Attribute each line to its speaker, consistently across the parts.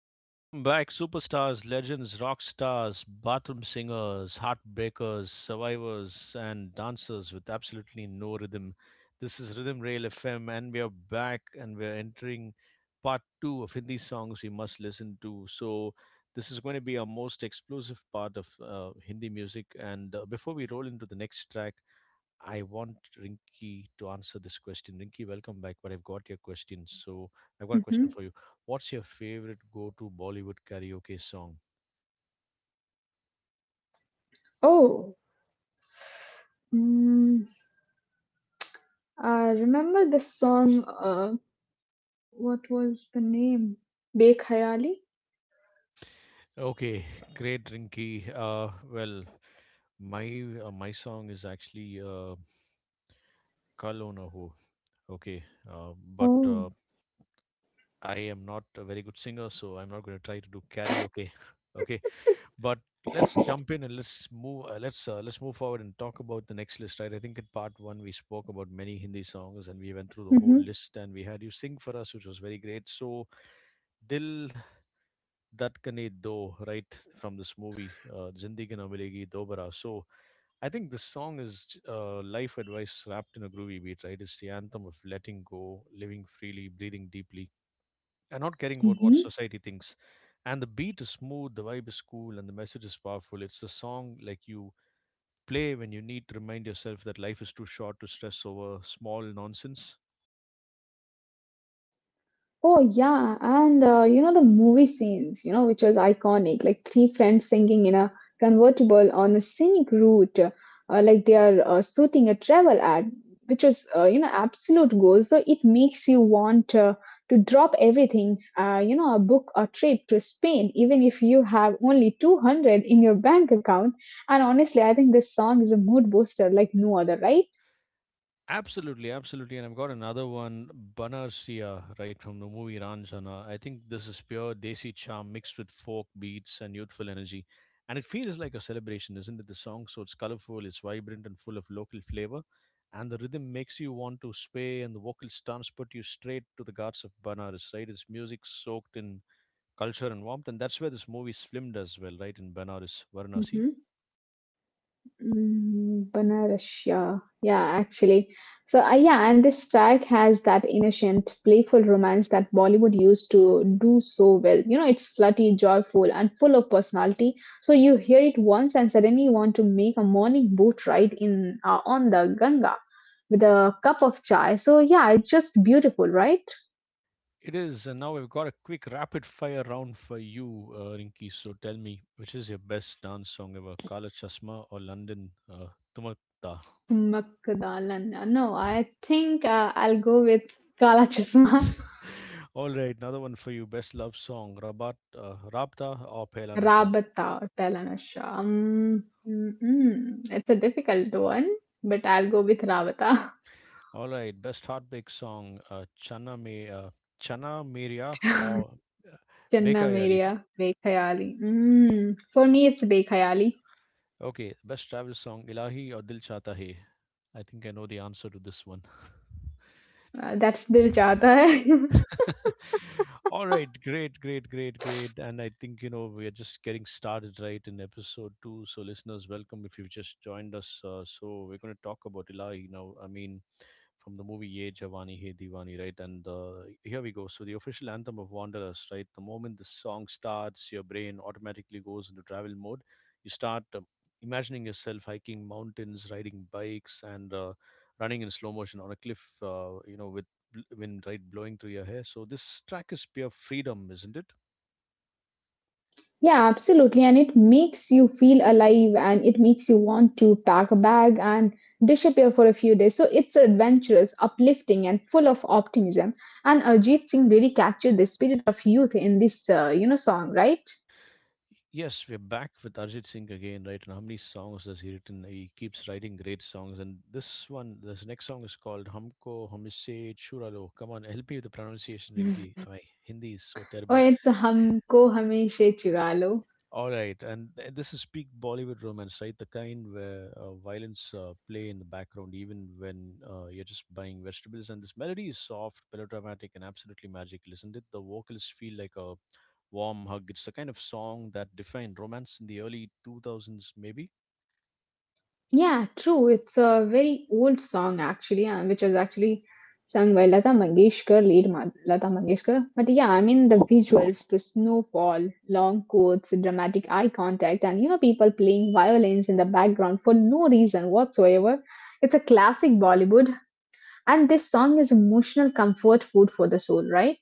Speaker 1: Welcome back, superstars, legends, rock stars, bathroom singers, heartbreakers, survivors, and dancers with absolutely no rhythm. This is Rhythm Rail FM, and we are back and we are entering part two of Hindi songs we must listen to. So, this is going to be our most explosive part of Hindi music. And before we roll into the next track, I want Rinky to answer this question. Rinky, welcome back. But I've got your question. So I've got a question
Speaker 2: Mhm.
Speaker 1: for you. What's your favorite go to Bollywood karaoke song?
Speaker 2: Oh, mm, I remember this song. What was the name? Bek Hayali.
Speaker 1: Okay, great, Rinky. Well, my my song is actually Kal Ho Na Ho. Okay, but
Speaker 2: Oh,
Speaker 1: I am not a very good singer, so I'm not going to try to do karaoke. Okay, but let's jump in and let's move. Let's let's move forward and talk about the next list, right? I think in part one we spoke about many Hindi songs and we went through the
Speaker 2: Mm-hmm.
Speaker 1: whole list and we had you sing for us, which was very great. So Dil Dhatkane Do, right, from this movie, Zindagi Na Milegi Dobara. So I think this song is life advice wrapped in a groovy beat, right? It's the anthem of letting go, living freely, breathing deeply and not caring about what
Speaker 2: Mm-hmm.
Speaker 1: society thinks. And the beat is smooth, the vibe is cool, and the message is powerful. It's the song like you play when you need to remind yourself that life is too short to stress over small nonsense.
Speaker 2: Oh yeah, and you know the movie scenes, which was iconic, like three friends singing in a convertible on a scenic route, like they are shooting a travel ad, which was absolute gold. So it makes you want to drop everything, book a trip to Spain, even if you have only 200 in your bank account. And honestly, I think this song is a mood booster like no other, right?
Speaker 1: Absolutely, absolutely. And I've got another one, Banarsiya, right from the movie Ranjana. I think this is pure Desi charm mixed with folk beats and youthful energy. And it feels like a celebration, isn't it? The song, so it's colorful, it's vibrant, and full of local flavor. And the rhythm makes you want to sway, and the vocals transport you straight to the gods of Banaras, right? It's music soaked in culture and warmth. And that's where this movie is filmed as well, right? In Banaras, Varanasi.
Speaker 2: Mhm. Banaras, yeah, yeah, actually. So, yeah, and this track has that innocent, playful romance that Bollywood used to do so well. It's flirty, joyful, and full of personality. So you hear it once, and suddenly you want to make a morning boat ride in on the Ganga with a cup of chai. So yeah, it's just beautiful, right?
Speaker 1: It is, and now we've got a quick rapid fire round for you, Rinky. So tell me, which is your best dance song ever, Kala Chasma or London Tumakta?
Speaker 2: Makdalan. No, I think I'll go with Kala Chasma.
Speaker 1: All right, another one for you, best love song, Rabat Rabta or Pehla Nasha?
Speaker 2: Rabatha or Telanasha. Mm-mm. It's a difficult one, but I'll go with Rabatha.
Speaker 1: All right, best heartbreak song, Chana Me Chana Meria or uh,
Speaker 2: Janna
Speaker 1: Bekayali.
Speaker 2: Meria, Bekhayali. Mm. For me, it's Bekhayali.
Speaker 1: Okay, best travel song, Ilahi or Dil Chata Hai? I think I know the answer to this one.
Speaker 2: That's Dil Chahta Hai.
Speaker 1: All right, great, great, great, great. And I think, you know, we are just getting started right in episode two. So, listeners, welcome if you've just joined us. So, we're going to talk about Ilahi now. I mean, from the movie Ye Jawani Hai Diwani, right? And here we go. So, the official anthem of Wanderers, right? The moment the song starts, your brain automatically goes into travel mode. You start imagining yourself hiking mountains, riding bikes, and running in slow motion on a cliff, you know, with wind right blowing through your hair. So this track is pure freedom, isn't it?
Speaker 2: Yeah, absolutely. And it makes you feel alive and it makes you want to pack a bag and disappear for a few days. So it's adventurous, uplifting, and full of optimism. And Ajit Singh really captured the spirit of youth in this, song, right?
Speaker 1: Yes, we're back with Arjit Singh again, right? And how many songs has he written? He keeps writing great songs. And this one, this next song is called Humko Humise Churalo. Come on, help me with the pronunciation, Rinki. My Hindi is so
Speaker 2: Oh,
Speaker 1: terrible.
Speaker 2: it's हमको हमेशा चुरा लो.
Speaker 1: All right, and this is peak Bollywood romance, right? The kind where violins play in the background, even when you're just buying vegetables. And this melody is soft, melodramatic, and absolutely magical, isn't it? The vocals feel like a warm hug. It's the kind of song that defined romance in the early 2000s, maybe.
Speaker 2: Yeah, true. It's a very old song actually, which was actually sung by Lata Mangeshkar, Lata Mangeshkar. But yeah, I mean the visuals, the snowfall, long coats, dramatic eye contact, and you know people playing violins in the background for no reason whatsoever. It's a classic Bollywood, and this song is emotional comfort food for the soul, right?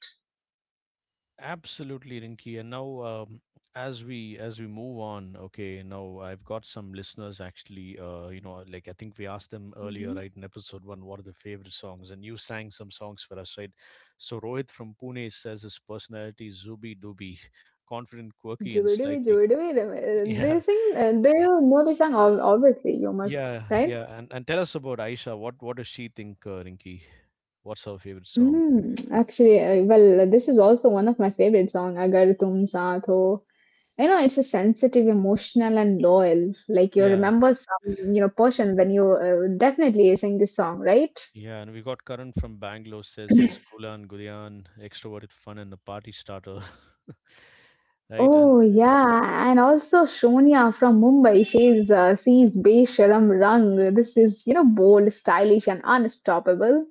Speaker 1: Absolutely, Rinky. And now, as we move on, okay, now I've got some listeners actually. You know, like I think we asked them earlier,
Speaker 2: Mm-hmm.
Speaker 1: right, in episode one, what are the favorite songs? And you sang some songs for us, right? So Rohit from Pune says his personality is zooby dooby, confident, quirky, and
Speaker 2: Jubidubi,
Speaker 1: slightly.
Speaker 2: Jubidubi. Do
Speaker 1: Yeah,
Speaker 2: you sing? Do you know the song? Obviously, you must,
Speaker 1: yeah,
Speaker 2: right?
Speaker 1: yeah. And tell us about Aisha. What does she think, Rinky? What's her favorite song?
Speaker 2: Actually, well, this is also one of my favorite song, Agar Tum Saath Ho. It's a sensitive, emotional, and loyal. Like you
Speaker 1: Yeah.
Speaker 2: remember some, portion when you definitely sing this song, right?
Speaker 1: Yeah, and we got Karan from Bangalore says he's Gulan Gulyan, extroverted, fun, and a party starter. Right? And
Speaker 2: Oh yeah, and also Shonya from Mumbai says, "Sees Besharam Rang." This is, bold, stylish, and unstoppable.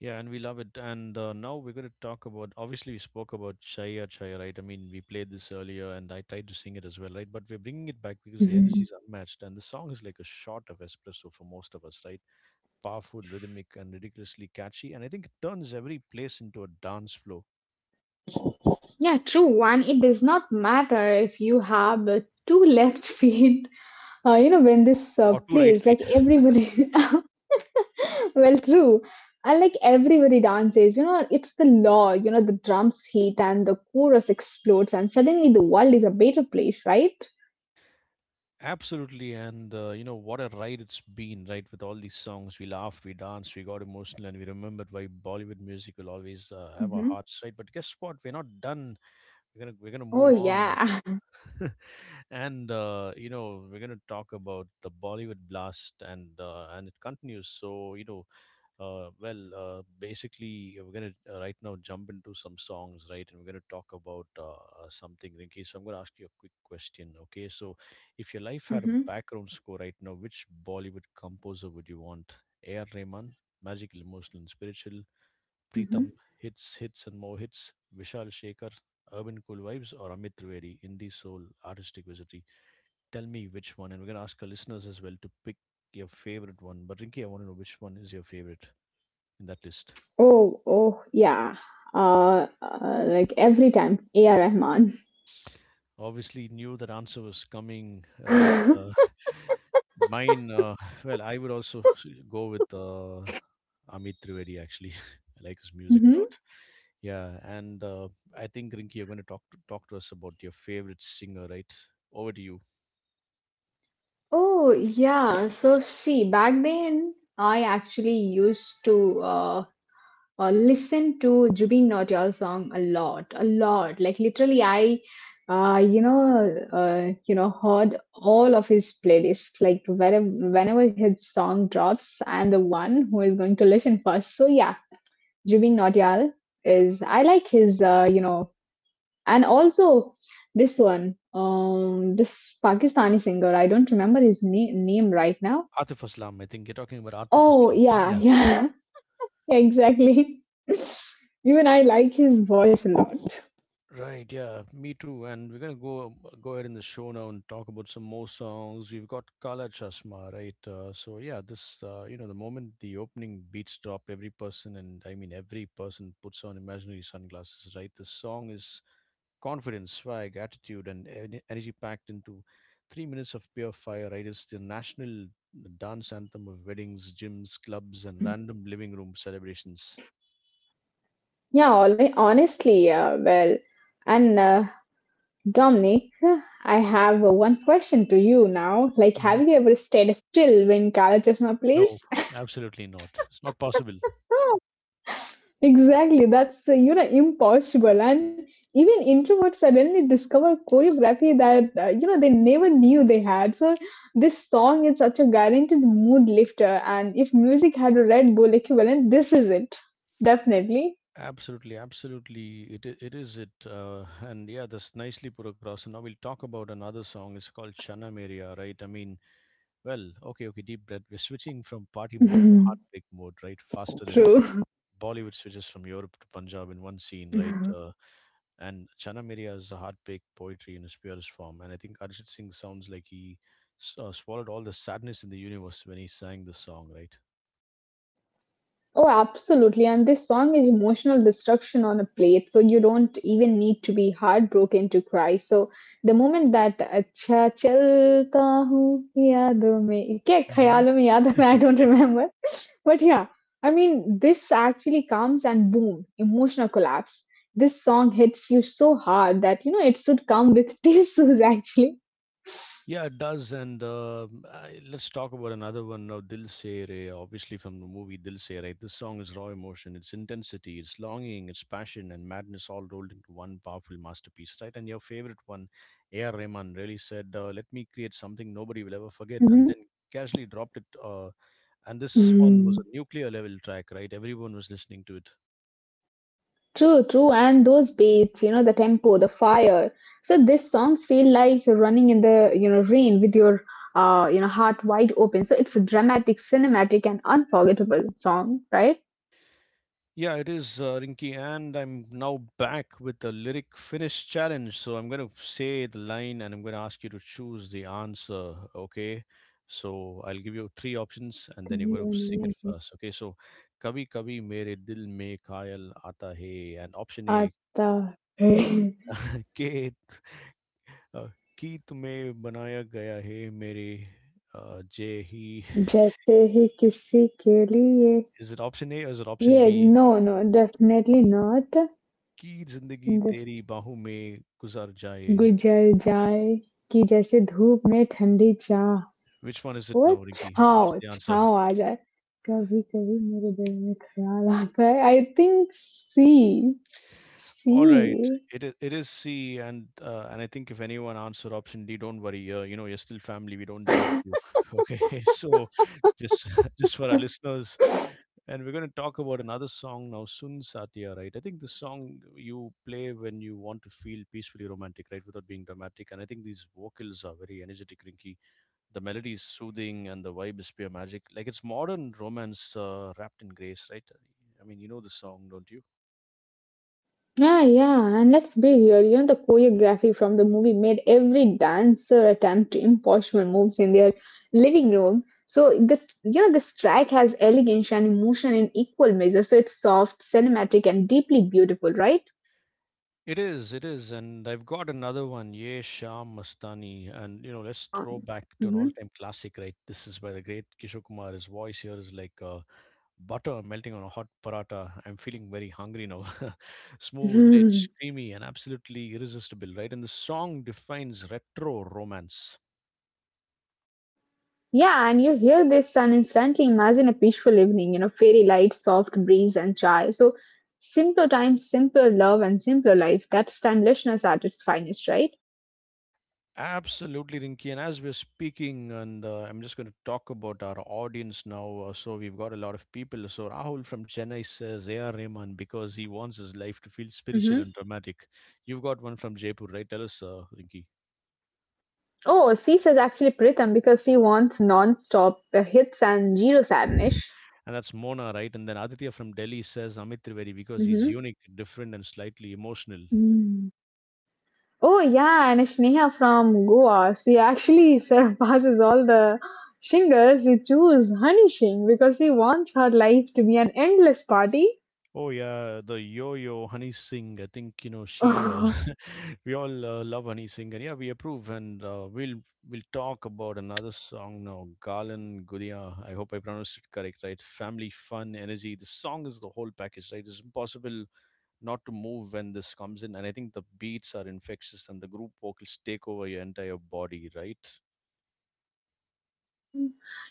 Speaker 1: yeah, and we love it. And now we're going to talk about, obviously, we spoke about Chaya Chaya, right? I mean, we played this earlier and I tried to sing it as well, right? But we're bringing it back because the energy is unmatched. And the song is like a shot of espresso for most of us, right? Powerful, rhythmic, and ridiculously catchy. And I think it turns every place into a dance floor
Speaker 2: Yeah, true. And it does not matter if you have two left feet when this
Speaker 1: or two right
Speaker 2: plays,
Speaker 1: feet.
Speaker 2: like everybody, well, true. And like everybody dances, it's the law, the drums hit and the chorus explodes, and suddenly the world is a better place, right?
Speaker 1: Absolutely, and you know what a ride it's been, right? With all these songs, we laughed, we danced, we got emotional, and we remembered why Bollywood music will always have our
Speaker 2: Hmm.
Speaker 1: hearts, right? But guess what? We're not done. We're gonna
Speaker 2: Oh,
Speaker 1: move on.
Speaker 2: yeah.
Speaker 1: And you know, we're gonna talk about the Bollywood blast, and and it continues. So you know, basically, we're gonna right now jump into some songs, right? And we're gonna talk about something, Rinky. So I'm gonna ask you a quick question, okay? So, if your life had a
Speaker 2: Hmm.
Speaker 1: background score right now, which Bollywood composer would you want? A.R. Rahman, magical, emotional, and spiritual.
Speaker 2: Hmm.
Speaker 1: Pritham, hits, hits, and more hits. Vishal Shekhar, urban cool vibes, or Amit Trivedi, indie soul, artistic visit, tell me which one, and we're gonna ask our listeners as well to pick your favorite one. But Rinky, I want to know which one is your favorite in that list.
Speaker 2: Oh, yeah. Like every time, A.R. Rahman.
Speaker 1: Obviously, knew that answer was coming, right? Mine, well, I would also go with Amit Trivedi. Actually, I like his music a
Speaker 2: Hmm.
Speaker 1: lot. Yeah, and I think Rinky, you're going to talk to, talk to us about your favorite singer, right? Over to you,
Speaker 2: Oh, yeah. So, see, back then I actually used to listen to Jubin Nautiyal song a lot, a lot. Like literally, I heard all of his playlists. Like whenever his song drops, I'm the one who is going to listen first. So yeah, Jubin Nautiyal is. I like his, and also this one, this Pakistani singer. I don't remember his name right now.
Speaker 1: Atif Aslam. I think you're talking about Atif
Speaker 2: Oh,
Speaker 1: Aslam. Yeah.
Speaker 2: yeah, yeah, exactly. Even I like his voice a lot.
Speaker 1: Right, yeah, me too. And we're gonna go ahead in the show now and talk about some more songs. We've got Kala Chasma, right? So yeah, this you know the moment the opening beats drop, every person and I mean every person puts on imaginary sunglasses, right? The song is confidence, swag, attitude, and energy packed into 3 minutes of pure fire, right? It's the national dance anthem of weddings, gyms, clubs, and random living room celebrations.
Speaker 2: Yeah, honestly, well, and Dominic, I have one question to you now. Like,
Speaker 1: Mhm.
Speaker 2: have you ever stayed still when Kalachasma
Speaker 1: No,
Speaker 2: plays?
Speaker 1: absolutely not. It's not possible.
Speaker 2: Exactly, that's impossible, and even introverts suddenly discover choreography that they never knew they had. So this song is such a guaranteed mood lifter, and if music had a Red Bull equivalent, this is it, definitely.
Speaker 1: Absolutely, absolutely. It is it. And yeah, that's nicely put across. And now we'll talk about another song. It's called Shanam Area, right? I mean, well, okay, okay. Deep breath. We're switching from party mode to heartbreak mode, right? Faster than
Speaker 2: True.
Speaker 1: Bollywood switches from Europe to Punjab in one scene, right? And Shanam Area is a heartbreak poetry in its purest form. And I think Arjit Singh sounds like he swallowed all the sadness in the universe when he sang this song, right?
Speaker 2: Oh, absolutely. And this song is emotional destruction on a plate. So you don't even need to be heartbroken to cry. So the moment that अच्छा चलता हूँ यादों में क्या
Speaker 1: Hmm.
Speaker 2: ख्यालों में याद है? I don't remember. But yeah, I mean, this actually comes and boom, emotional collapse. This song hits you so hard that, it should come with tissues actually.
Speaker 1: Yeah, it does. And I, let's talk about another one now, Dil Se Re, obviously from the movie Dil Se Re. This song is raw emotion, its intensity, its longing, its passion, and madness all rolled into one powerful masterpiece, right? And your favorite one, A.R. Rahman, really said, let me create something nobody will ever forget, and then casually dropped it. And this one was
Speaker 2: Mhm.
Speaker 1: a nuclear level track, right? Everyone was listening to it.
Speaker 2: True, true, and those beats, the tempo, the fire. So these songs feel like you're running in the, rain with your, heart wide open. So it's a dramatic, cinematic, and unforgettable song, right?
Speaker 1: Yeah, it is, Rinky, and I'm now back with the lyric finish challenge. So I'm going to say the line and I'm going to ask you to choose the answer, okay? So I'll give you three options and then you're going to sing it
Speaker 2: तुझे
Speaker 1: first, okay? So Kabi Kabi Mere Dil Mein Khayal Aata Hai, and option A,
Speaker 2: आता है
Speaker 1: ke uh, की तुम्हें बनाया गया है मेरे जय
Speaker 2: जैसे ही किसी के लिए
Speaker 1: is it option A or is it
Speaker 2: ये
Speaker 1: option B?
Speaker 2: No no definitely not
Speaker 1: Ki zindagi तेरी bahu में guzar jaye.
Speaker 2: गुजर जाए कि जैसे धूप में ठंडी चाय
Speaker 1: Which one is it
Speaker 2: वो
Speaker 1: now, Rinky?
Speaker 2: छाँव
Speaker 1: What's the answer?
Speaker 2: छाँव आ जाए कभी कभी मेरे दिल में ख्याल आता है I think C C
Speaker 1: All right, it is C, and and I think if anyone answered option D, don't worry. You know, you're still family. We don't judge you. Okay, so just just for our listeners, and we're going to talk about another song now, Sun Satya. Right, I think the song you play when you want to feel peacefully romantic, right, without being dramatic. And I think these vocals are very energetic, Rinky. The melody is soothing and the vibe is pure magic. Like it's modern romance wrapped in grace, right? I mean, you know the song, don't you?
Speaker 2: Yeah, yeah, and let's be real, the choreography from the movie made every dancer attempt impossible moves in their living room. So the you know this track has elegance and emotion in equal measure. So it's soft, cinematic, and deeply beautiful, right?
Speaker 1: It is, and I've got another one, Ye Sham Mastani, and you know, let's
Speaker 2: Tan.
Speaker 1: throw back to an all-time classic, right? This is by the great Kishore Kumar. His voice here is like butter melting on a hot paratha. I'm feeling very hungry now. Smooth,
Speaker 2: Mm-hmm.
Speaker 1: rich, creamy, and absolutely irresistible, right? And the song defines retro romance.
Speaker 2: Yeah, and you hear this and instantly imagine a peaceful evening, fairy lights, soft breeze, and chai. So, simpler times, simpler love, and simpler life. That's timelessness at its finest, right?
Speaker 1: Absolutely, Rinky. And as we're speaking, and I'm just going to talk about our audience now. So we've got a lot of people. So Rahul from Chennai says AR. Rahman because he wants his life to feel spiritual
Speaker 2: Hmm.
Speaker 1: and dramatic. You've got one from Jaipur, right? Tell us, Rinky.
Speaker 2: Oh, she says actually Pritham because she wants non stop hits and zero sadness.
Speaker 1: And that's Mona, right? And then Aditya from Delhi says Amit Trivedi because he's
Speaker 2: Hmm.
Speaker 1: unique, different, and slightly emotional.
Speaker 2: Mm. Oh, yeah, and Sneha from Goa, she actually surpasses all the singers. She choose Honey Singh because she wants her life to be an endless party.
Speaker 1: Oh yeah, the Yo-Yo Honey Singh. I think you know she. We all love Honey Singh, and yeah, we approve. And we'll talk about another song now, Galan Gudia. I hope I pronounced it correct, right? Family fun, energy. The song is the whole package, right? It's impossible not to move when this comes in, and I think the beats are infectious, and the group vocals take over your entire body, right?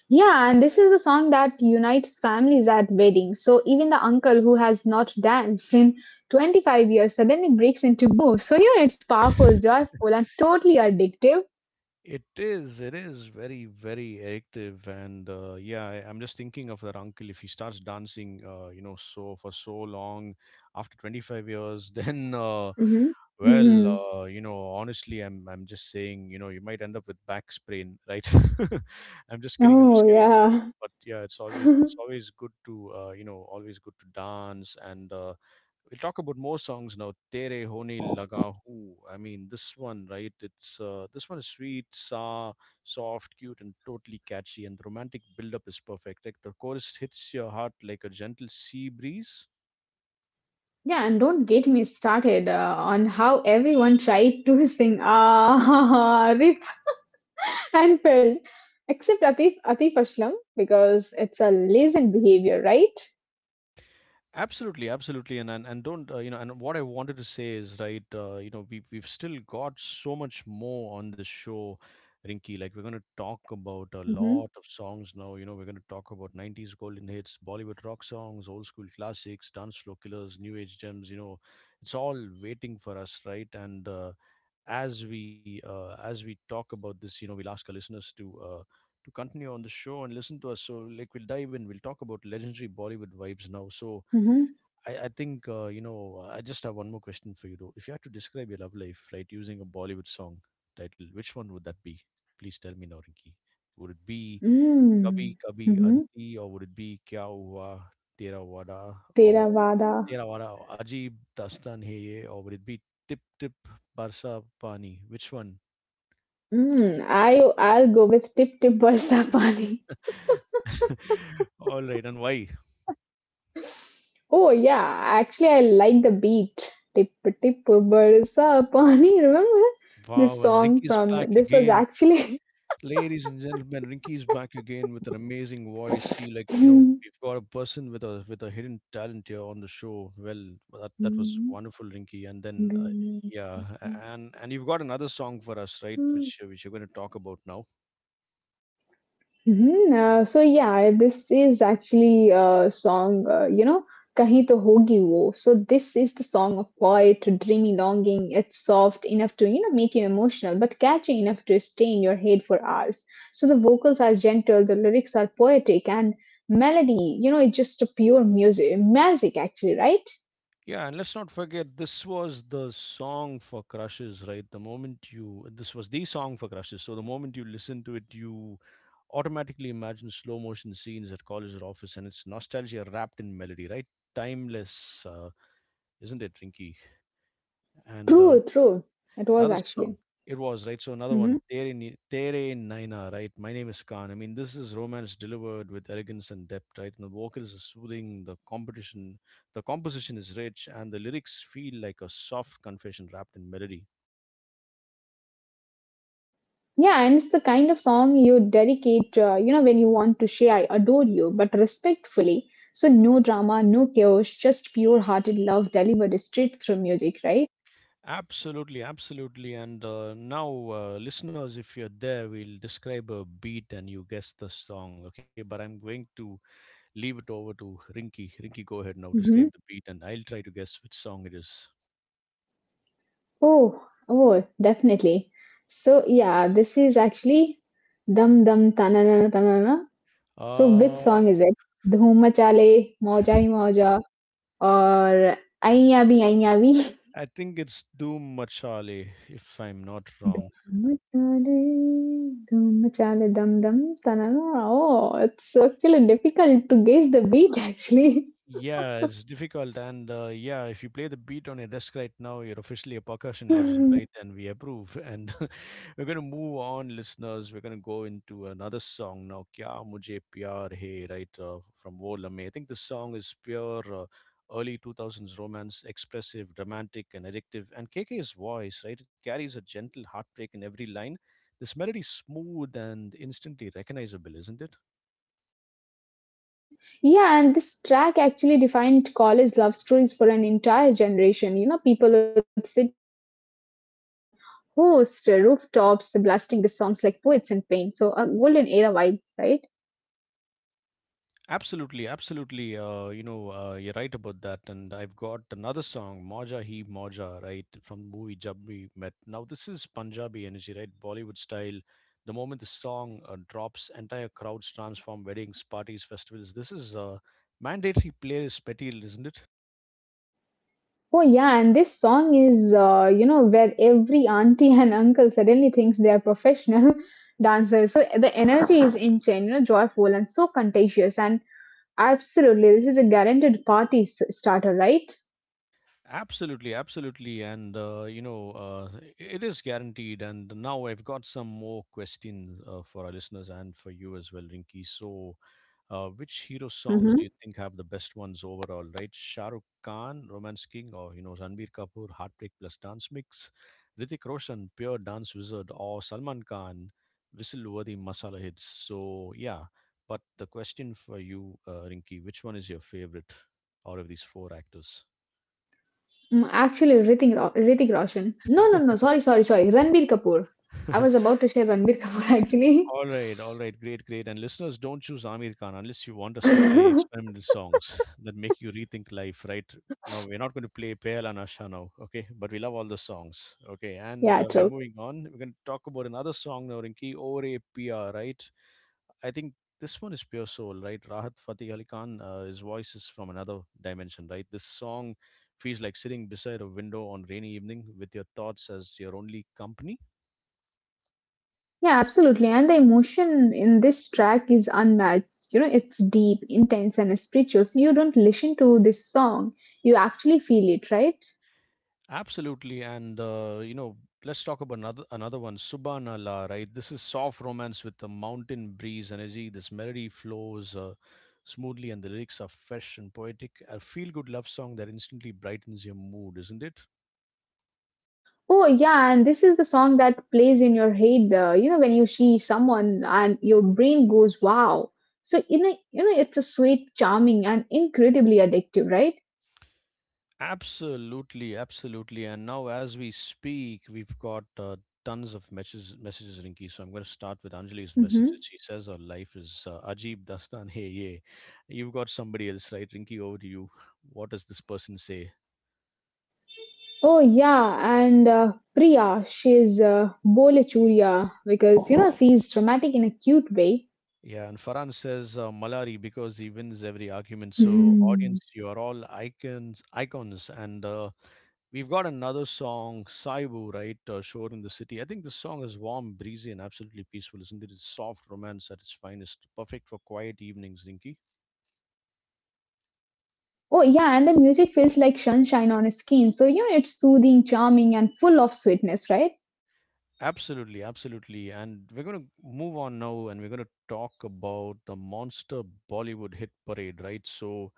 Speaker 2: Yeah, and this is the song that unites families at weddings. So even the uncle who has not danced in 25 years suddenly breaks into moves. So it's powerful, joyful, and totally addictive.
Speaker 1: It is very, very addictive, and yeah, I'm just thinking of that uncle. If he starts dancing, you know, so for so long, after 25 years,
Speaker 2: Hmm. Hmm.
Speaker 1: well, you know, honestly, I'm just saying, you know, you might end up with back sprain, right? I'm just kidding. I'm
Speaker 2: Oh,
Speaker 1: just kidding.
Speaker 2: yeah.
Speaker 1: But yeah, it's always it's always good to you know, always good to dance and we'll talk about more songs now. Tere Honi Laga Hu. I mean, this one, right? It's This one is soft, cute, and totally catchy. And the romantic build-up is perfect. Like the chorus hits your heart like a gentle sea breeze.
Speaker 2: Yeah, and don't get me started on how everyone tried to sing Ah Rip and fell, except Atif Aslam because it's a lazy behavior, right?
Speaker 1: Absolutely, absolutely, and don't you know? And what I wanted to say is right. You know, we we've still got so much more on this show, Rinky. Like we're going to talk about a
Speaker 2: Mm-hmm,
Speaker 1: lot of songs now. You know, we're going to talk about '90s golden hits, Bollywood rock songs, old school classics, dance floor killers, new age gems. You know, it's all waiting for us, right? And as we talk about this, you know, we'll ask our listeners to. To continue on the show and listen to us, so like we'll dive in, we'll talk about legendary Bollywood vibes now. So
Speaker 2: mm-hmm,
Speaker 1: I think, you know, I just have one more question for you, though. If you had to describe your love life, right, using a Bollywood song title, which one would that be? Please tell me now, Rinki. Would it be Kabhi Kabhi
Speaker 2: mm-hmm.
Speaker 1: Aditi, or would it be Kya Hua Tera Wada or
Speaker 2: Theravada.
Speaker 1: Tera Wada or Ajib Dastan Hai Ye, or would it be Tip Tip Barsa Pani? Which one?
Speaker 2: Mm, I I'll go with Tip Tip Barsa Pani.
Speaker 1: All right, and why?
Speaker 2: Oh yeah, actually I like the beat. Tip Tip Barsa Pani. Remember this
Speaker 1: Wow, and
Speaker 2: song
Speaker 1: Rinki's
Speaker 2: from
Speaker 1: back
Speaker 2: this was
Speaker 1: again.
Speaker 2: actually.
Speaker 1: Ladies and gentlemen, Rinky's back again with an amazing voice. See, like you know, we've got a person with a hidden talent here on the show. Well, that that was wonderful, Rinky. And then, yeah, and and you've got another song for us, right? Which you're going to talk about now.
Speaker 2: Hmm. So yeah, this is actually a song, Kahin To Hogi Wo. So this is the song of poet, dreamy longing. It's soft enough to, make you emotional, but catchy enough to stay in your head for hours. So the vocals are gentle, the lyrics are poetic, and melody, it's just a pure music, magic actually, right?
Speaker 1: Yeah, and let's not forget, this was the song for crushes, right? This was the song for crushes. So the moment you listen to it, you automatically imagine slow motion scenes at college or office, and it's nostalgia wrapped in melody, right? Timeless. Isn't it, Rinky? And
Speaker 2: True, true. It was
Speaker 1: Another song.
Speaker 2: actually.
Speaker 1: It was right. So another one,
Speaker 2: Hmm.
Speaker 1: Tere Naina, right? My name is Khan. I mean, this is romance delivered with elegance and depth, right? And the vocals are soothing. The composition is rich, and the lyrics feel like a soft confession wrapped in melody.
Speaker 2: Yeah, and it's the kind of song you dedicate, when you want to say, I adore you, but respectfully. So, no drama, no chaos, just pure hearted love delivered straight through music, right?
Speaker 1: Absolutely, absolutely. And now, listeners, if you're there, we'll describe a beat and you guess the song, okay? But I'm going to leave it over to Rinky. Rinky, go ahead now. Describe the
Speaker 2: Mm-hmm.
Speaker 1: beat, and I'll try to guess which song it is.
Speaker 2: Oh, oh, definitely. So, yeah, this is actually Dum Dum Tanana Tanana. So, which
Speaker 1: Uh,
Speaker 2: song is it? Dhum Chale, Moja Hi Moja, or Aiya Bhi Aiya Bhi?
Speaker 1: I think it's Doom Machale, if I'm not wrong.
Speaker 2: Dum chale, Dhammachaale, chale, dum dum, tanana. Oh, it's actually difficult to guess the beat actually.
Speaker 1: Yeah, it's difficult, and yeah, if you play the beat on your desk right now, you're officially a percussion legend, right? And we approve. And we're gonna move on, listeners. We're gonna go into another song now. Kya Mujhe Pyar Hai, right? From Wo Lamhe. I think this song is pure early 2000s romance, expressive, romantic, and addictive. And KK's voice, right? It carries a gentle heartbreak in every line. This melody is smooth and instantly recognizable, isn't it?
Speaker 2: Yeah, and this track actually defined college love stories for an entire generation. People would sit on host rooftops blasting these songs like poets in pain. So a golden era vibe, right?
Speaker 1: Absolutely, absolutely. You're right about that. And I've got another song, Moja Hi Moja, right, from the movie Jab We Met. Now, this is Punjabi energy, right? Bollywood style. The moment the song drops, entire crowds transform weddings, parties, festivals. This is mandatory playlist material, isn't it?
Speaker 2: Oh yeah, and this song is where every auntie and uncle suddenly thinks they are professional dancers. So the energy is insane, joyful and so contagious. And absolutely, this is a guaranteed party starter, right?
Speaker 1: Absolutely, absolutely. It is guaranteed. And now I've got some more questions for our listeners and for you as well, Rinky. So, which hero songs do you
Speaker 2: Hmm.
Speaker 1: think have the best ones overall, right? Shah Rukh Khan, Romance King, or, you know, Ranbir Kapoor, Heartbreak plus Dance Mix, Ritik Roshan, Pure Dance Wizard, or Salman Khan, Whistle-worthy Masala Hits. So, yeah. But the question for you, Rinki, which one is your favorite out of these four actors?
Speaker 2: Actually, Ritik Roshan. No, no, no. Sorry, sorry, sorry. Ranbir Kapoor. I was about to say Ranbir Kapoor actually.
Speaker 1: All right, great, great. And listeners, don't choose Amir Khan unless you want us to play experimental songs that make you rethink life, right? No, we're not going to play Pale and Asha now, okay? But we love all the songs, okay? And
Speaker 2: Yeah,
Speaker 1: we're
Speaker 2: true.
Speaker 1: moving on. We're going to talk about another song now, Rinki, Ore Pia, right? I think this one is pure soul, right? Rahat Fatih Ali Khan, his voice is from another dimension, right? This song feels like sitting beside a window on rainy evening with your thoughts as your only company.
Speaker 2: Yeah, absolutely. And the emotion in this track is unmatched. It's deep, intense, and spiritual. So you don't listen to this song, you actually feel it, right?
Speaker 1: Absolutely, and you know, let's talk about another one, Subhanallah, right? This is soft romance with the mountain breeze energy. This melody flows smoothly, and the lyrics are fresh and poetic. A feel-good love song that instantly brightens your mood, isn't it?
Speaker 2: Oh, yeah. And this is the song that plays in your head, when you see someone and your brain goes, wow. So, it's a sweet, charming, and incredibly addictive, right?
Speaker 1: Absolutely, absolutely. And now, as we speak, we've got tons of messages, Rinki. So I'm going to start with Anjali's message. That
Speaker 2: Hmm.
Speaker 1: She says her life is Ajib Dastan. Hey, yeah. You've got somebody else, right? Rinki, over to you. What does this person say?
Speaker 2: Oh yeah, and Priya, she's Bole churiya because she's dramatic in a cute way.
Speaker 1: Yeah, and Farhan says Malari because he wins every argument. So, audience, you are all icons, icons, and we've got another song, Saibu, right? Shore in the City. I think this song is warm, breezy, and absolutely peaceful, isn't it? It's soft romance at its finest, perfect for quiet evenings, Rinky.
Speaker 2: Oh, yeah, and the music feels like sunshine on his skin. So, it's soothing, charming, and full of sweetness, right?
Speaker 1: Absolutely, absolutely. And we're going to move on now, and we're going to talk about the monster Bollywood hit parade, right? So,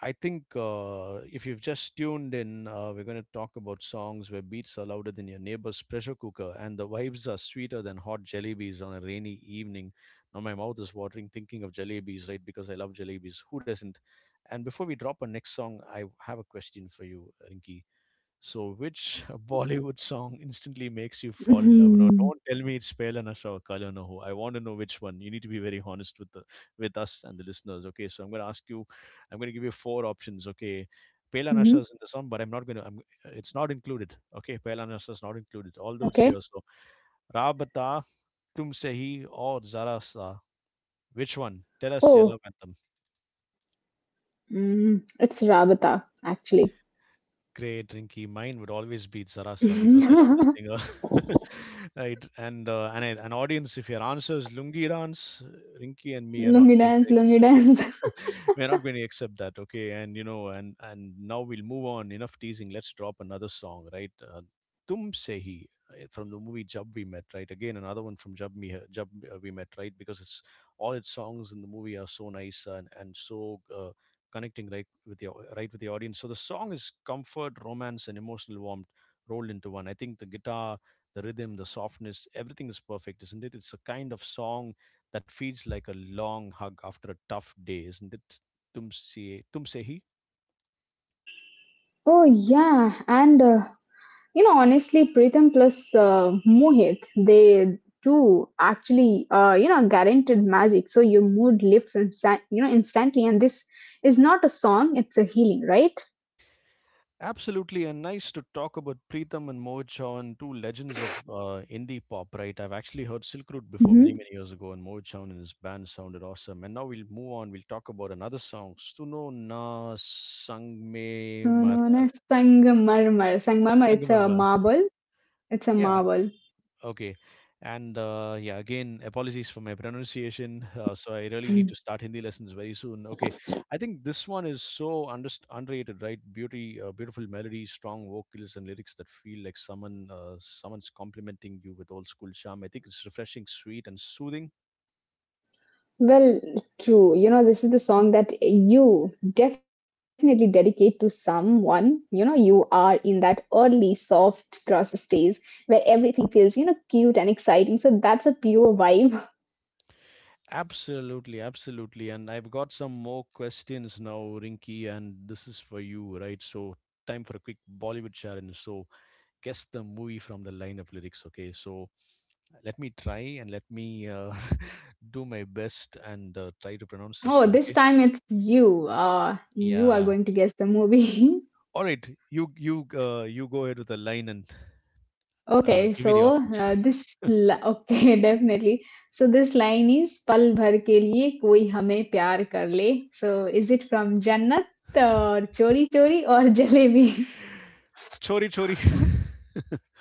Speaker 1: I think if you've just tuned in, we're going to talk about songs where beats are louder than your neighbor's pressure cooker and the vibes are sweeter than hot jellybees on a rainy evening. Now, my mouth is watering thinking of jellybees, right? Because I love jellybees. Who doesn't? And before we drop our next song, I have a question for you, Rinki. So, which Bollywood song instantly makes you fall in love? Now,
Speaker 2: Mm-hmm.
Speaker 1: don't tell me it's Pehla Nasha or Kala Na Ho. I want to know which one. You need to be very honest with the with us and the listeners. Okay, so I'm going to ask you. I'm going to give you four options. Okay, Pehla
Speaker 2: Mm-hmm.
Speaker 1: Nasha is in the song, but I'm not going to. It's not included. Okay, Pehla Nasha is not included. Although it's here.
Speaker 2: Okay.
Speaker 1: So, Rabata, Tum Sehi, or Zara Sa. Which one? Tell us your love
Speaker 2: Oh,
Speaker 1: anthem.
Speaker 2: it's Rabata, actually.
Speaker 1: Great, Rinky. Mine would always be Zarasa because I love the
Speaker 2: Lungi
Speaker 1: singer, right? An audience, if your answer is Lungi dance, Rinky and me are not going to
Speaker 2: dance, lungi
Speaker 1: accept.
Speaker 2: dance.
Speaker 1: We're not going to accept that, okay? and And now we'll move on. Enough teasing, let's drop another song, right? Tum Sehi, from the movie Jab We Met, right? Again another one from jab me jab We Met, right? Because it's all its songs in the movie are so nice, and so uh, connecting, right? With the right with the audience. So the song is comfort, romance, and emotional warmth rolled into one. I think the guitar, the rhythm, the softness, everything is perfect, isn't it? It's a kind of song that feels like a long hug after a tough day, isn't it? Tumse, Tumsehi?
Speaker 2: Oh, yeah. And, honestly, Pritham plus Mohit, they do actually, guaranteed magic. So your mood lifts, instantly. And this is not a song, it's a healing, right?
Speaker 1: Absolutely, and nice to talk about Preetham and Moh Chauhan, two legends of indie pop, right? I've actually heard Silk Road before many, many years ago, and Moh Chauhan and his band sounded awesome. And now we'll move on, we'll talk about another song, Suno Na
Speaker 2: So
Speaker 1: Sangme
Speaker 2: known
Speaker 1: Marmar.
Speaker 2: as Sangamarmar. Sangamarmar, it's a
Speaker 1: Sangamarmar.
Speaker 2: marble. It's a
Speaker 1: Yeah.
Speaker 2: marble.
Speaker 1: Okay. And yeah, again, apologies for my pronunciation. So I really need
Speaker 2: Mm.
Speaker 1: to start Hindi lessons very soon. Okay. I think this one is so underst underrated, right? Beauty, beautiful melody, strong vocals, and lyrics that feel like someone's complimenting you with old school charm. I think it's refreshing, sweet, and soothing.
Speaker 2: Well, true. This is the song that you definitely dedicate to someone. You are in that early soft gross stage where everything feels, cute and exciting. So that's a pure vibe.
Speaker 1: Absolutely, absolutely. And I've got some more questions now, Rinky, and this is for you, right? So time for a quick Bollywood challenge. So guess the movie from the line of lyrics, okay? So let me try, and let me do my best and try to pronounce this
Speaker 2: Oh,
Speaker 1: well.
Speaker 2: this
Speaker 1: Okay.
Speaker 2: time it's you. You are
Speaker 1: Yeah.
Speaker 2: going to guess the movie.
Speaker 1: All right. You go ahead with the line, and
Speaker 2: Okay,
Speaker 1: give me the
Speaker 2: so
Speaker 1: options.
Speaker 2: okay definitely. So this line is पल भर के लिए कोई हमें प्यार कर ले. So is it from जन्नत और चोरी चोरी और jalebi?
Speaker 1: Chori chori.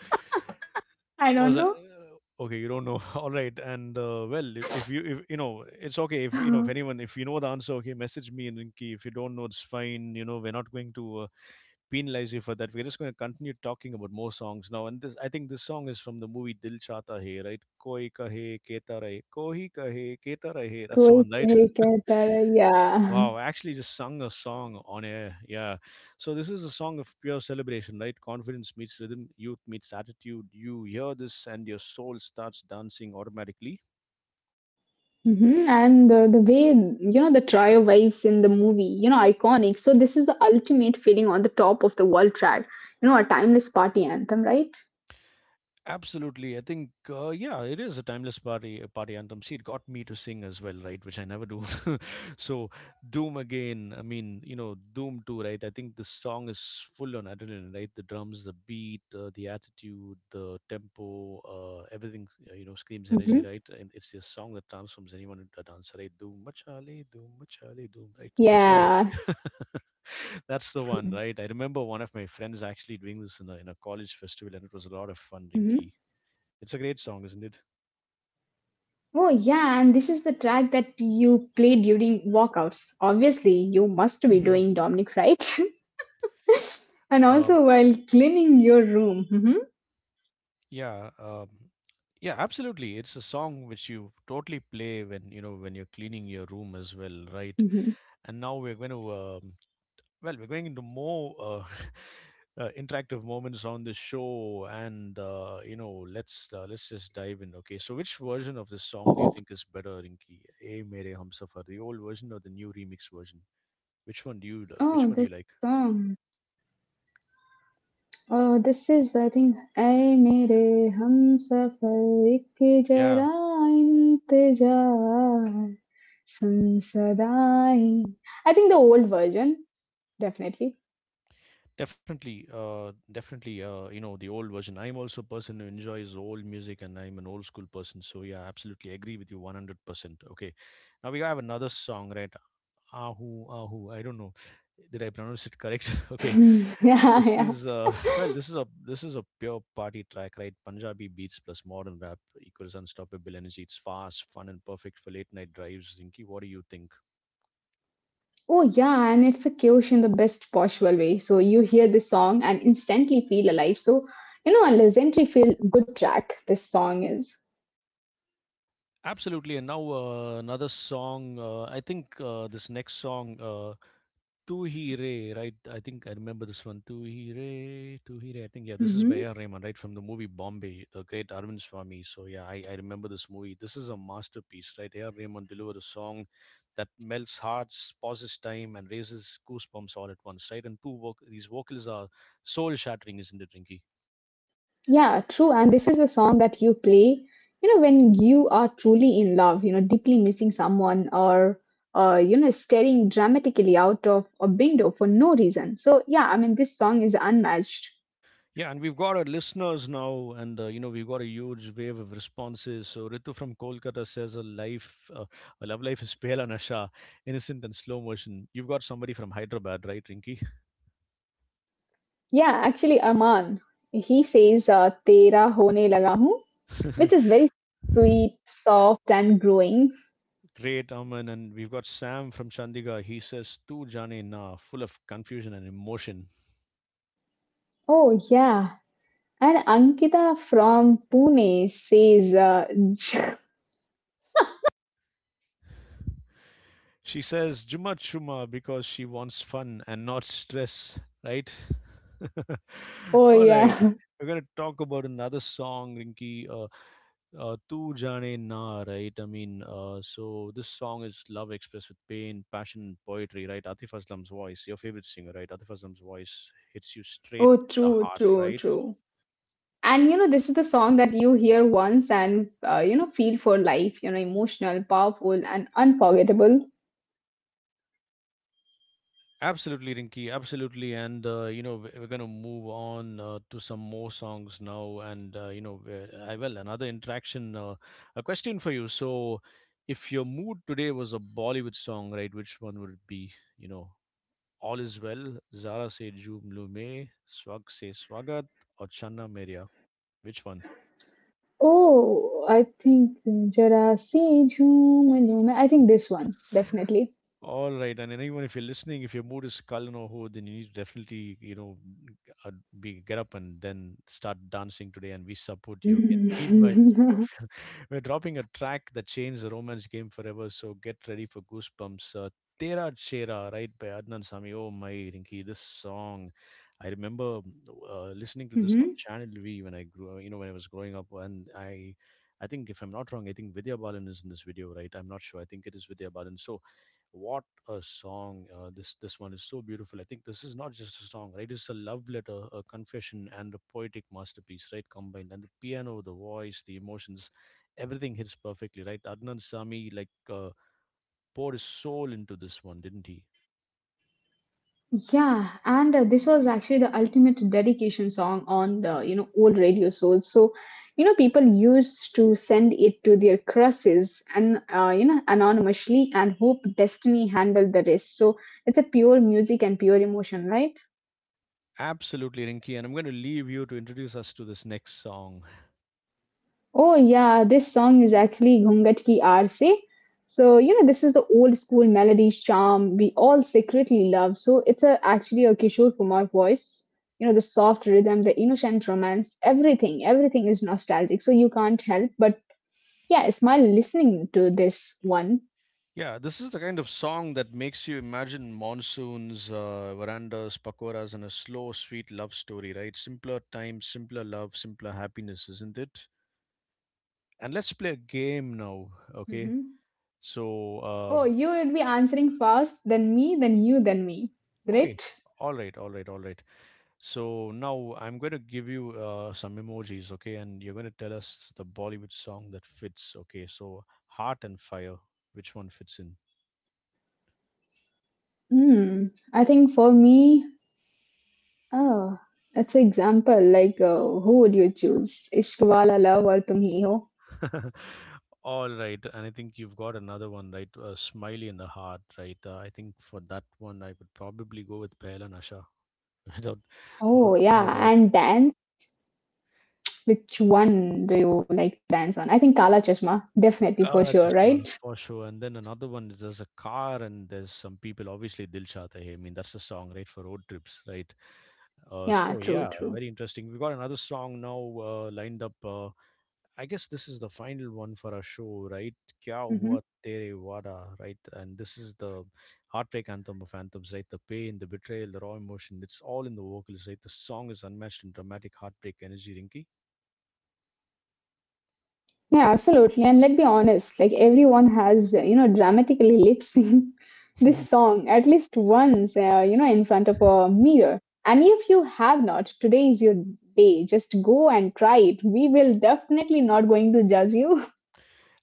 Speaker 2: I
Speaker 1: was I,
Speaker 2: don't know.
Speaker 1: okay, you don't know. All right, and well, if you, if you know, it's okay. If you know, if anyone, if you know the answer, okay, message me and Rinki. If you don't know, it's fine, you know, we're not going to penalize you for that. We're just going to continue talking about more songs now. And this, I think this song is from the movie Dil Chata Hai, right? Koi kahe keta rahe, koi kahe keta rahe. That's the
Speaker 2: कोई
Speaker 1: one, right?
Speaker 2: सही कहता रहे yeah.
Speaker 1: Wow, I actually just sung a song on air. Yeah. So this is a song of pure celebration, right? Confidence meets rhythm, youth meets attitude. You hear this and your soul starts dancing automatically.
Speaker 2: Hmm. And the way, the trio vibes in the movie, iconic. So this is the ultimate feeling on the top of the world track, a timeless party anthem, right?
Speaker 1: Absolutely, I think yeah, it is a timeless party anthem. See, it got me to sing as well, right? Which I never do. So, Doom again. I mean, you know, Doom too, right? I think the song is full on adrenaline, right? The drums, the beat, the attitude, the tempo, everything. You know, screams energy,
Speaker 2: Hmm.
Speaker 1: right? And it's a song that transforms anyone into a dancer, right? Doom, machale, doom, machale, doom, right? That's all.
Speaker 2: Yeah.
Speaker 1: That's the one, right? I remember one of my friends actually doing this in a college festival, and it was a lot of fun, Rinky.
Speaker 2: Hmm.
Speaker 1: It's a great song, isn't it?
Speaker 2: Oh, yeah, and this is the track that you play during walkouts. Obviously, you must be doing Dominic right, and
Speaker 1: Um,
Speaker 2: also while cleaning your room. Mhm.
Speaker 1: yeah, yeah, absolutely. It's a song which you totally play when you know when you're cleaning your room as well, right? And now we're going to well, we're going into more interactive moments on the show, and you know, let's just dive in. Okay, so which version of this song do you
Speaker 2: Mhm.
Speaker 1: think is better, Rinki? A Mere Hum Safar, the old version or the new remix version? Which one do you which
Speaker 2: Oh,
Speaker 1: one do you
Speaker 2: this
Speaker 1: like?
Speaker 2: song. Oh, this is, I think, I mere hum safar ek
Speaker 1: Yeah.
Speaker 2: jara intezaar sansadai. I think the old version, definitely.
Speaker 1: Definitely, definitely, you know, the old version. I'm also a person who enjoys old music and I'm an old school person. So, yeah, absolutely agree with you 100%. Okay. Now we have another song, right? Ahu, Ahu. I don't know. Did I pronounce it correct? Okay.
Speaker 2: Yeah,
Speaker 1: This
Speaker 2: yeah.
Speaker 1: is, well, this is a pure party track, right? Punjabi beats plus modern rap equals unstoppable energy. It's fast, fun, and perfect for late night drives. Zinki, what do you think?
Speaker 2: Oh, yeah, and it's a chaos in the best possible way. So you hear this song and instantly feel alive. So, a legendary feel good track this song is.
Speaker 1: Absolutely, and now another song. I think this next song, "Tu Hi Re," right? I think I remember this one. "Tu Hi Re," "Tu Hi Re." I think yeah, this is by
Speaker 2: Hmm.
Speaker 1: A.R. Rahman, right, from the movie Bombay, the great Arvind Swami. So yeah, I remember this movie. This is a masterpiece, right? A.R. Rahman delivered a song that melts hearts, pauses time, and raises goosebumps all at once, right? And two these vocals are soul shattering, isn't it, Rinky?
Speaker 2: Yeah, true. And this is a song that you play, when you are truly in love, deeply missing someone or, staring dramatically out of a window for no reason. So, yeah, I mean, this song is unmatched.
Speaker 1: Yeah, and we've got our listeners now, and you know, we've got a huge wave of responses. So Ritu from Kolkata says a life, a love life is pale and asha, innocent and slow motion. You've got somebody from Hyderabad, right, Rinky?
Speaker 2: Yeah, actually, Arman, he says, Tera hone laga hoon, which is very sweet, soft, and growing.
Speaker 1: Great, Aman, and we've got Sam from Chandigarh. He says tu jane na, full of confusion and emotion.
Speaker 2: Oh, yeah. And Ankita from Pune says,
Speaker 1: She says Juma Chuma because she wants fun and not stress, right?
Speaker 2: Oh,
Speaker 1: All right.
Speaker 2: yeah.
Speaker 1: We're going to talk about another song, Rinki. Tu Jane Na, right? I mean, so this song is love expressed with pain, passion, and poetry, right? Atif Aslam's voice, your favorite singer, right? Atif Aslam's voice hits you straight
Speaker 2: Oh,
Speaker 1: in the
Speaker 2: true,
Speaker 1: heart,
Speaker 2: true,
Speaker 1: right?
Speaker 2: true. And this is the song that you hear once and feel for life, emotional, powerful, and unforgettable.
Speaker 1: Absolutely, Rinky. Absolutely, and you know, we're going to move on to some more songs now, and you know, I well another interaction. A question for you. So, if your mood today was a Bollywood song, right? Which one would it be? You know, All Is Well, Zara Se Joom Lu me Swag Se Swagat, or Channa Meria. Which one?
Speaker 2: Oh, I think Jara Se Jhoom Lo Mein. I think this one, definitely.
Speaker 1: All right, and anyone, if you're listening, if your mood is Kalyan or Ho, then you need to definitely, you know, uh, be get up and then start dancing today, and we support you. Okay. Meanwhile, we're dropping a track that changed the romance game forever. So get ready for goosebumps. Tera Chera, right, by Adnan Sami. Oh my, Rinki, this song. I remember listening to this on Channel V when I grew, you know, when I was growing up, and I. I think, if I'm not wrong, I think Vidya Balan is in this video, right? I'm not sure. I think it is Vidya Balan. So, what a song! This one is so beautiful. I think this is not just a song, right? It's a love letter, a confession, and a poetic masterpiece, right? Combined, and the piano, the voice, the emotions, everything hits perfectly, right? Adnan Sami, like poured his soul into this one, didn't he?
Speaker 2: Yeah, and this was actually the ultimate dedication song on the old radio shows. So, people used to send it to their crushes and anonymously and hope destiny handled the rest. So it's a pure music and pure emotion, right?
Speaker 1: Absolutely, Rinki. And I'm going to leave you to introduce us to this next song.
Speaker 2: Oh yeah, this song is actually Ghungat Ki Aarse. So, this is the old school melody charm we all secretly love. So, it's actually a Kishore Kumar voice. The soft rhythm, the innocent romance, everything, everything is nostalgic. So, you can't help but, yeah, smile listening to this one.
Speaker 1: Yeah, this is the kind of song that makes you imagine monsoons, verandas, pakoras, and a slow, sweet love story, right? Simpler times, simpler love, simpler happiness, isn't it? And let's play a game now, okay?
Speaker 2: Mhm.
Speaker 1: So,
Speaker 2: Oh, you would be answering first, then me, then you, then me.
Speaker 1: okay,
Speaker 2: Great.
Speaker 1: all right, all right, all right. So now I'm going to give you some emojis, okay? And you're going to tell us the Bollywood song that fits, okay? So, Heart and Fire, which one fits in?
Speaker 2: Hmm. I think for me, oh, that's an example. Like, who would you choose? Ishq Wala Love or Tum Hi Ho?
Speaker 1: All right, and I think you've got another one, right? A smiley in the heart, right? I think for that one, I would probably go with Pehla Nasha, without
Speaker 2: Oh,
Speaker 1: no
Speaker 2: yeah.
Speaker 1: doubt.
Speaker 2: And then, which one do you like dance on? I think Kala Chashma, definitely
Speaker 1: Ah,
Speaker 2: for
Speaker 1: that's a
Speaker 2: sure,
Speaker 1: smile
Speaker 2: right?
Speaker 1: for sure. And then another one is there's a car, and there's some people, obviously Dil Dilshad Hai. I mean, that's a song, right, for road trips, right?
Speaker 2: Yeah,
Speaker 1: So
Speaker 2: true,
Speaker 1: yeah,
Speaker 2: true.
Speaker 1: very interesting. We've got another song now lined up. I guess this is the final one for our show, right? Kya
Speaker 2: Hmm.
Speaker 1: hua tere wada, right? And this is the heartbreak anthem of anthems, right? The pain, the betrayal, the raw emotion, it's all in the vocals, right? The song is unmatched in dramatic heartbreak energy,
Speaker 2: Yeah, absolutely. And let's be honest, like everyone has, dramatically lip sync this
Speaker 1: Rinky.
Speaker 2: song at least once, in front of a mirror. And if you have not, today is your day. Just go and try it. We will definitely not going to judge you.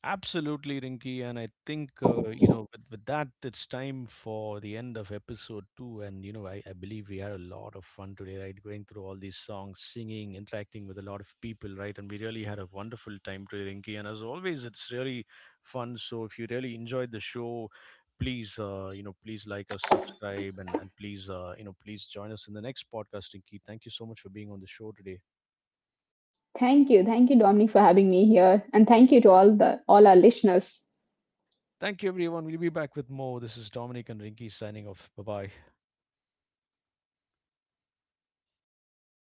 Speaker 1: Absolutely, Rinky. And I think, you know, with that, it's time for the end of episode two. And, you know, I believe we had a lot of fun today, right? Going through all these songs, singing, interacting with a lot of people, right? And we really had a wonderful time today, Rinky. And as always, it's really fun. So if you really enjoyed the show, please, you know, please like us, subscribe, and please, you know, please join us in the next podcast, Rinky. Thank you so much for being on the show today.
Speaker 2: Thank you. Thank you, Dominic, for having me here. And thank you to all our listeners.
Speaker 1: Thank you, everyone. We'll be back with more. This is Dominic and Rinky signing off. Bye bye.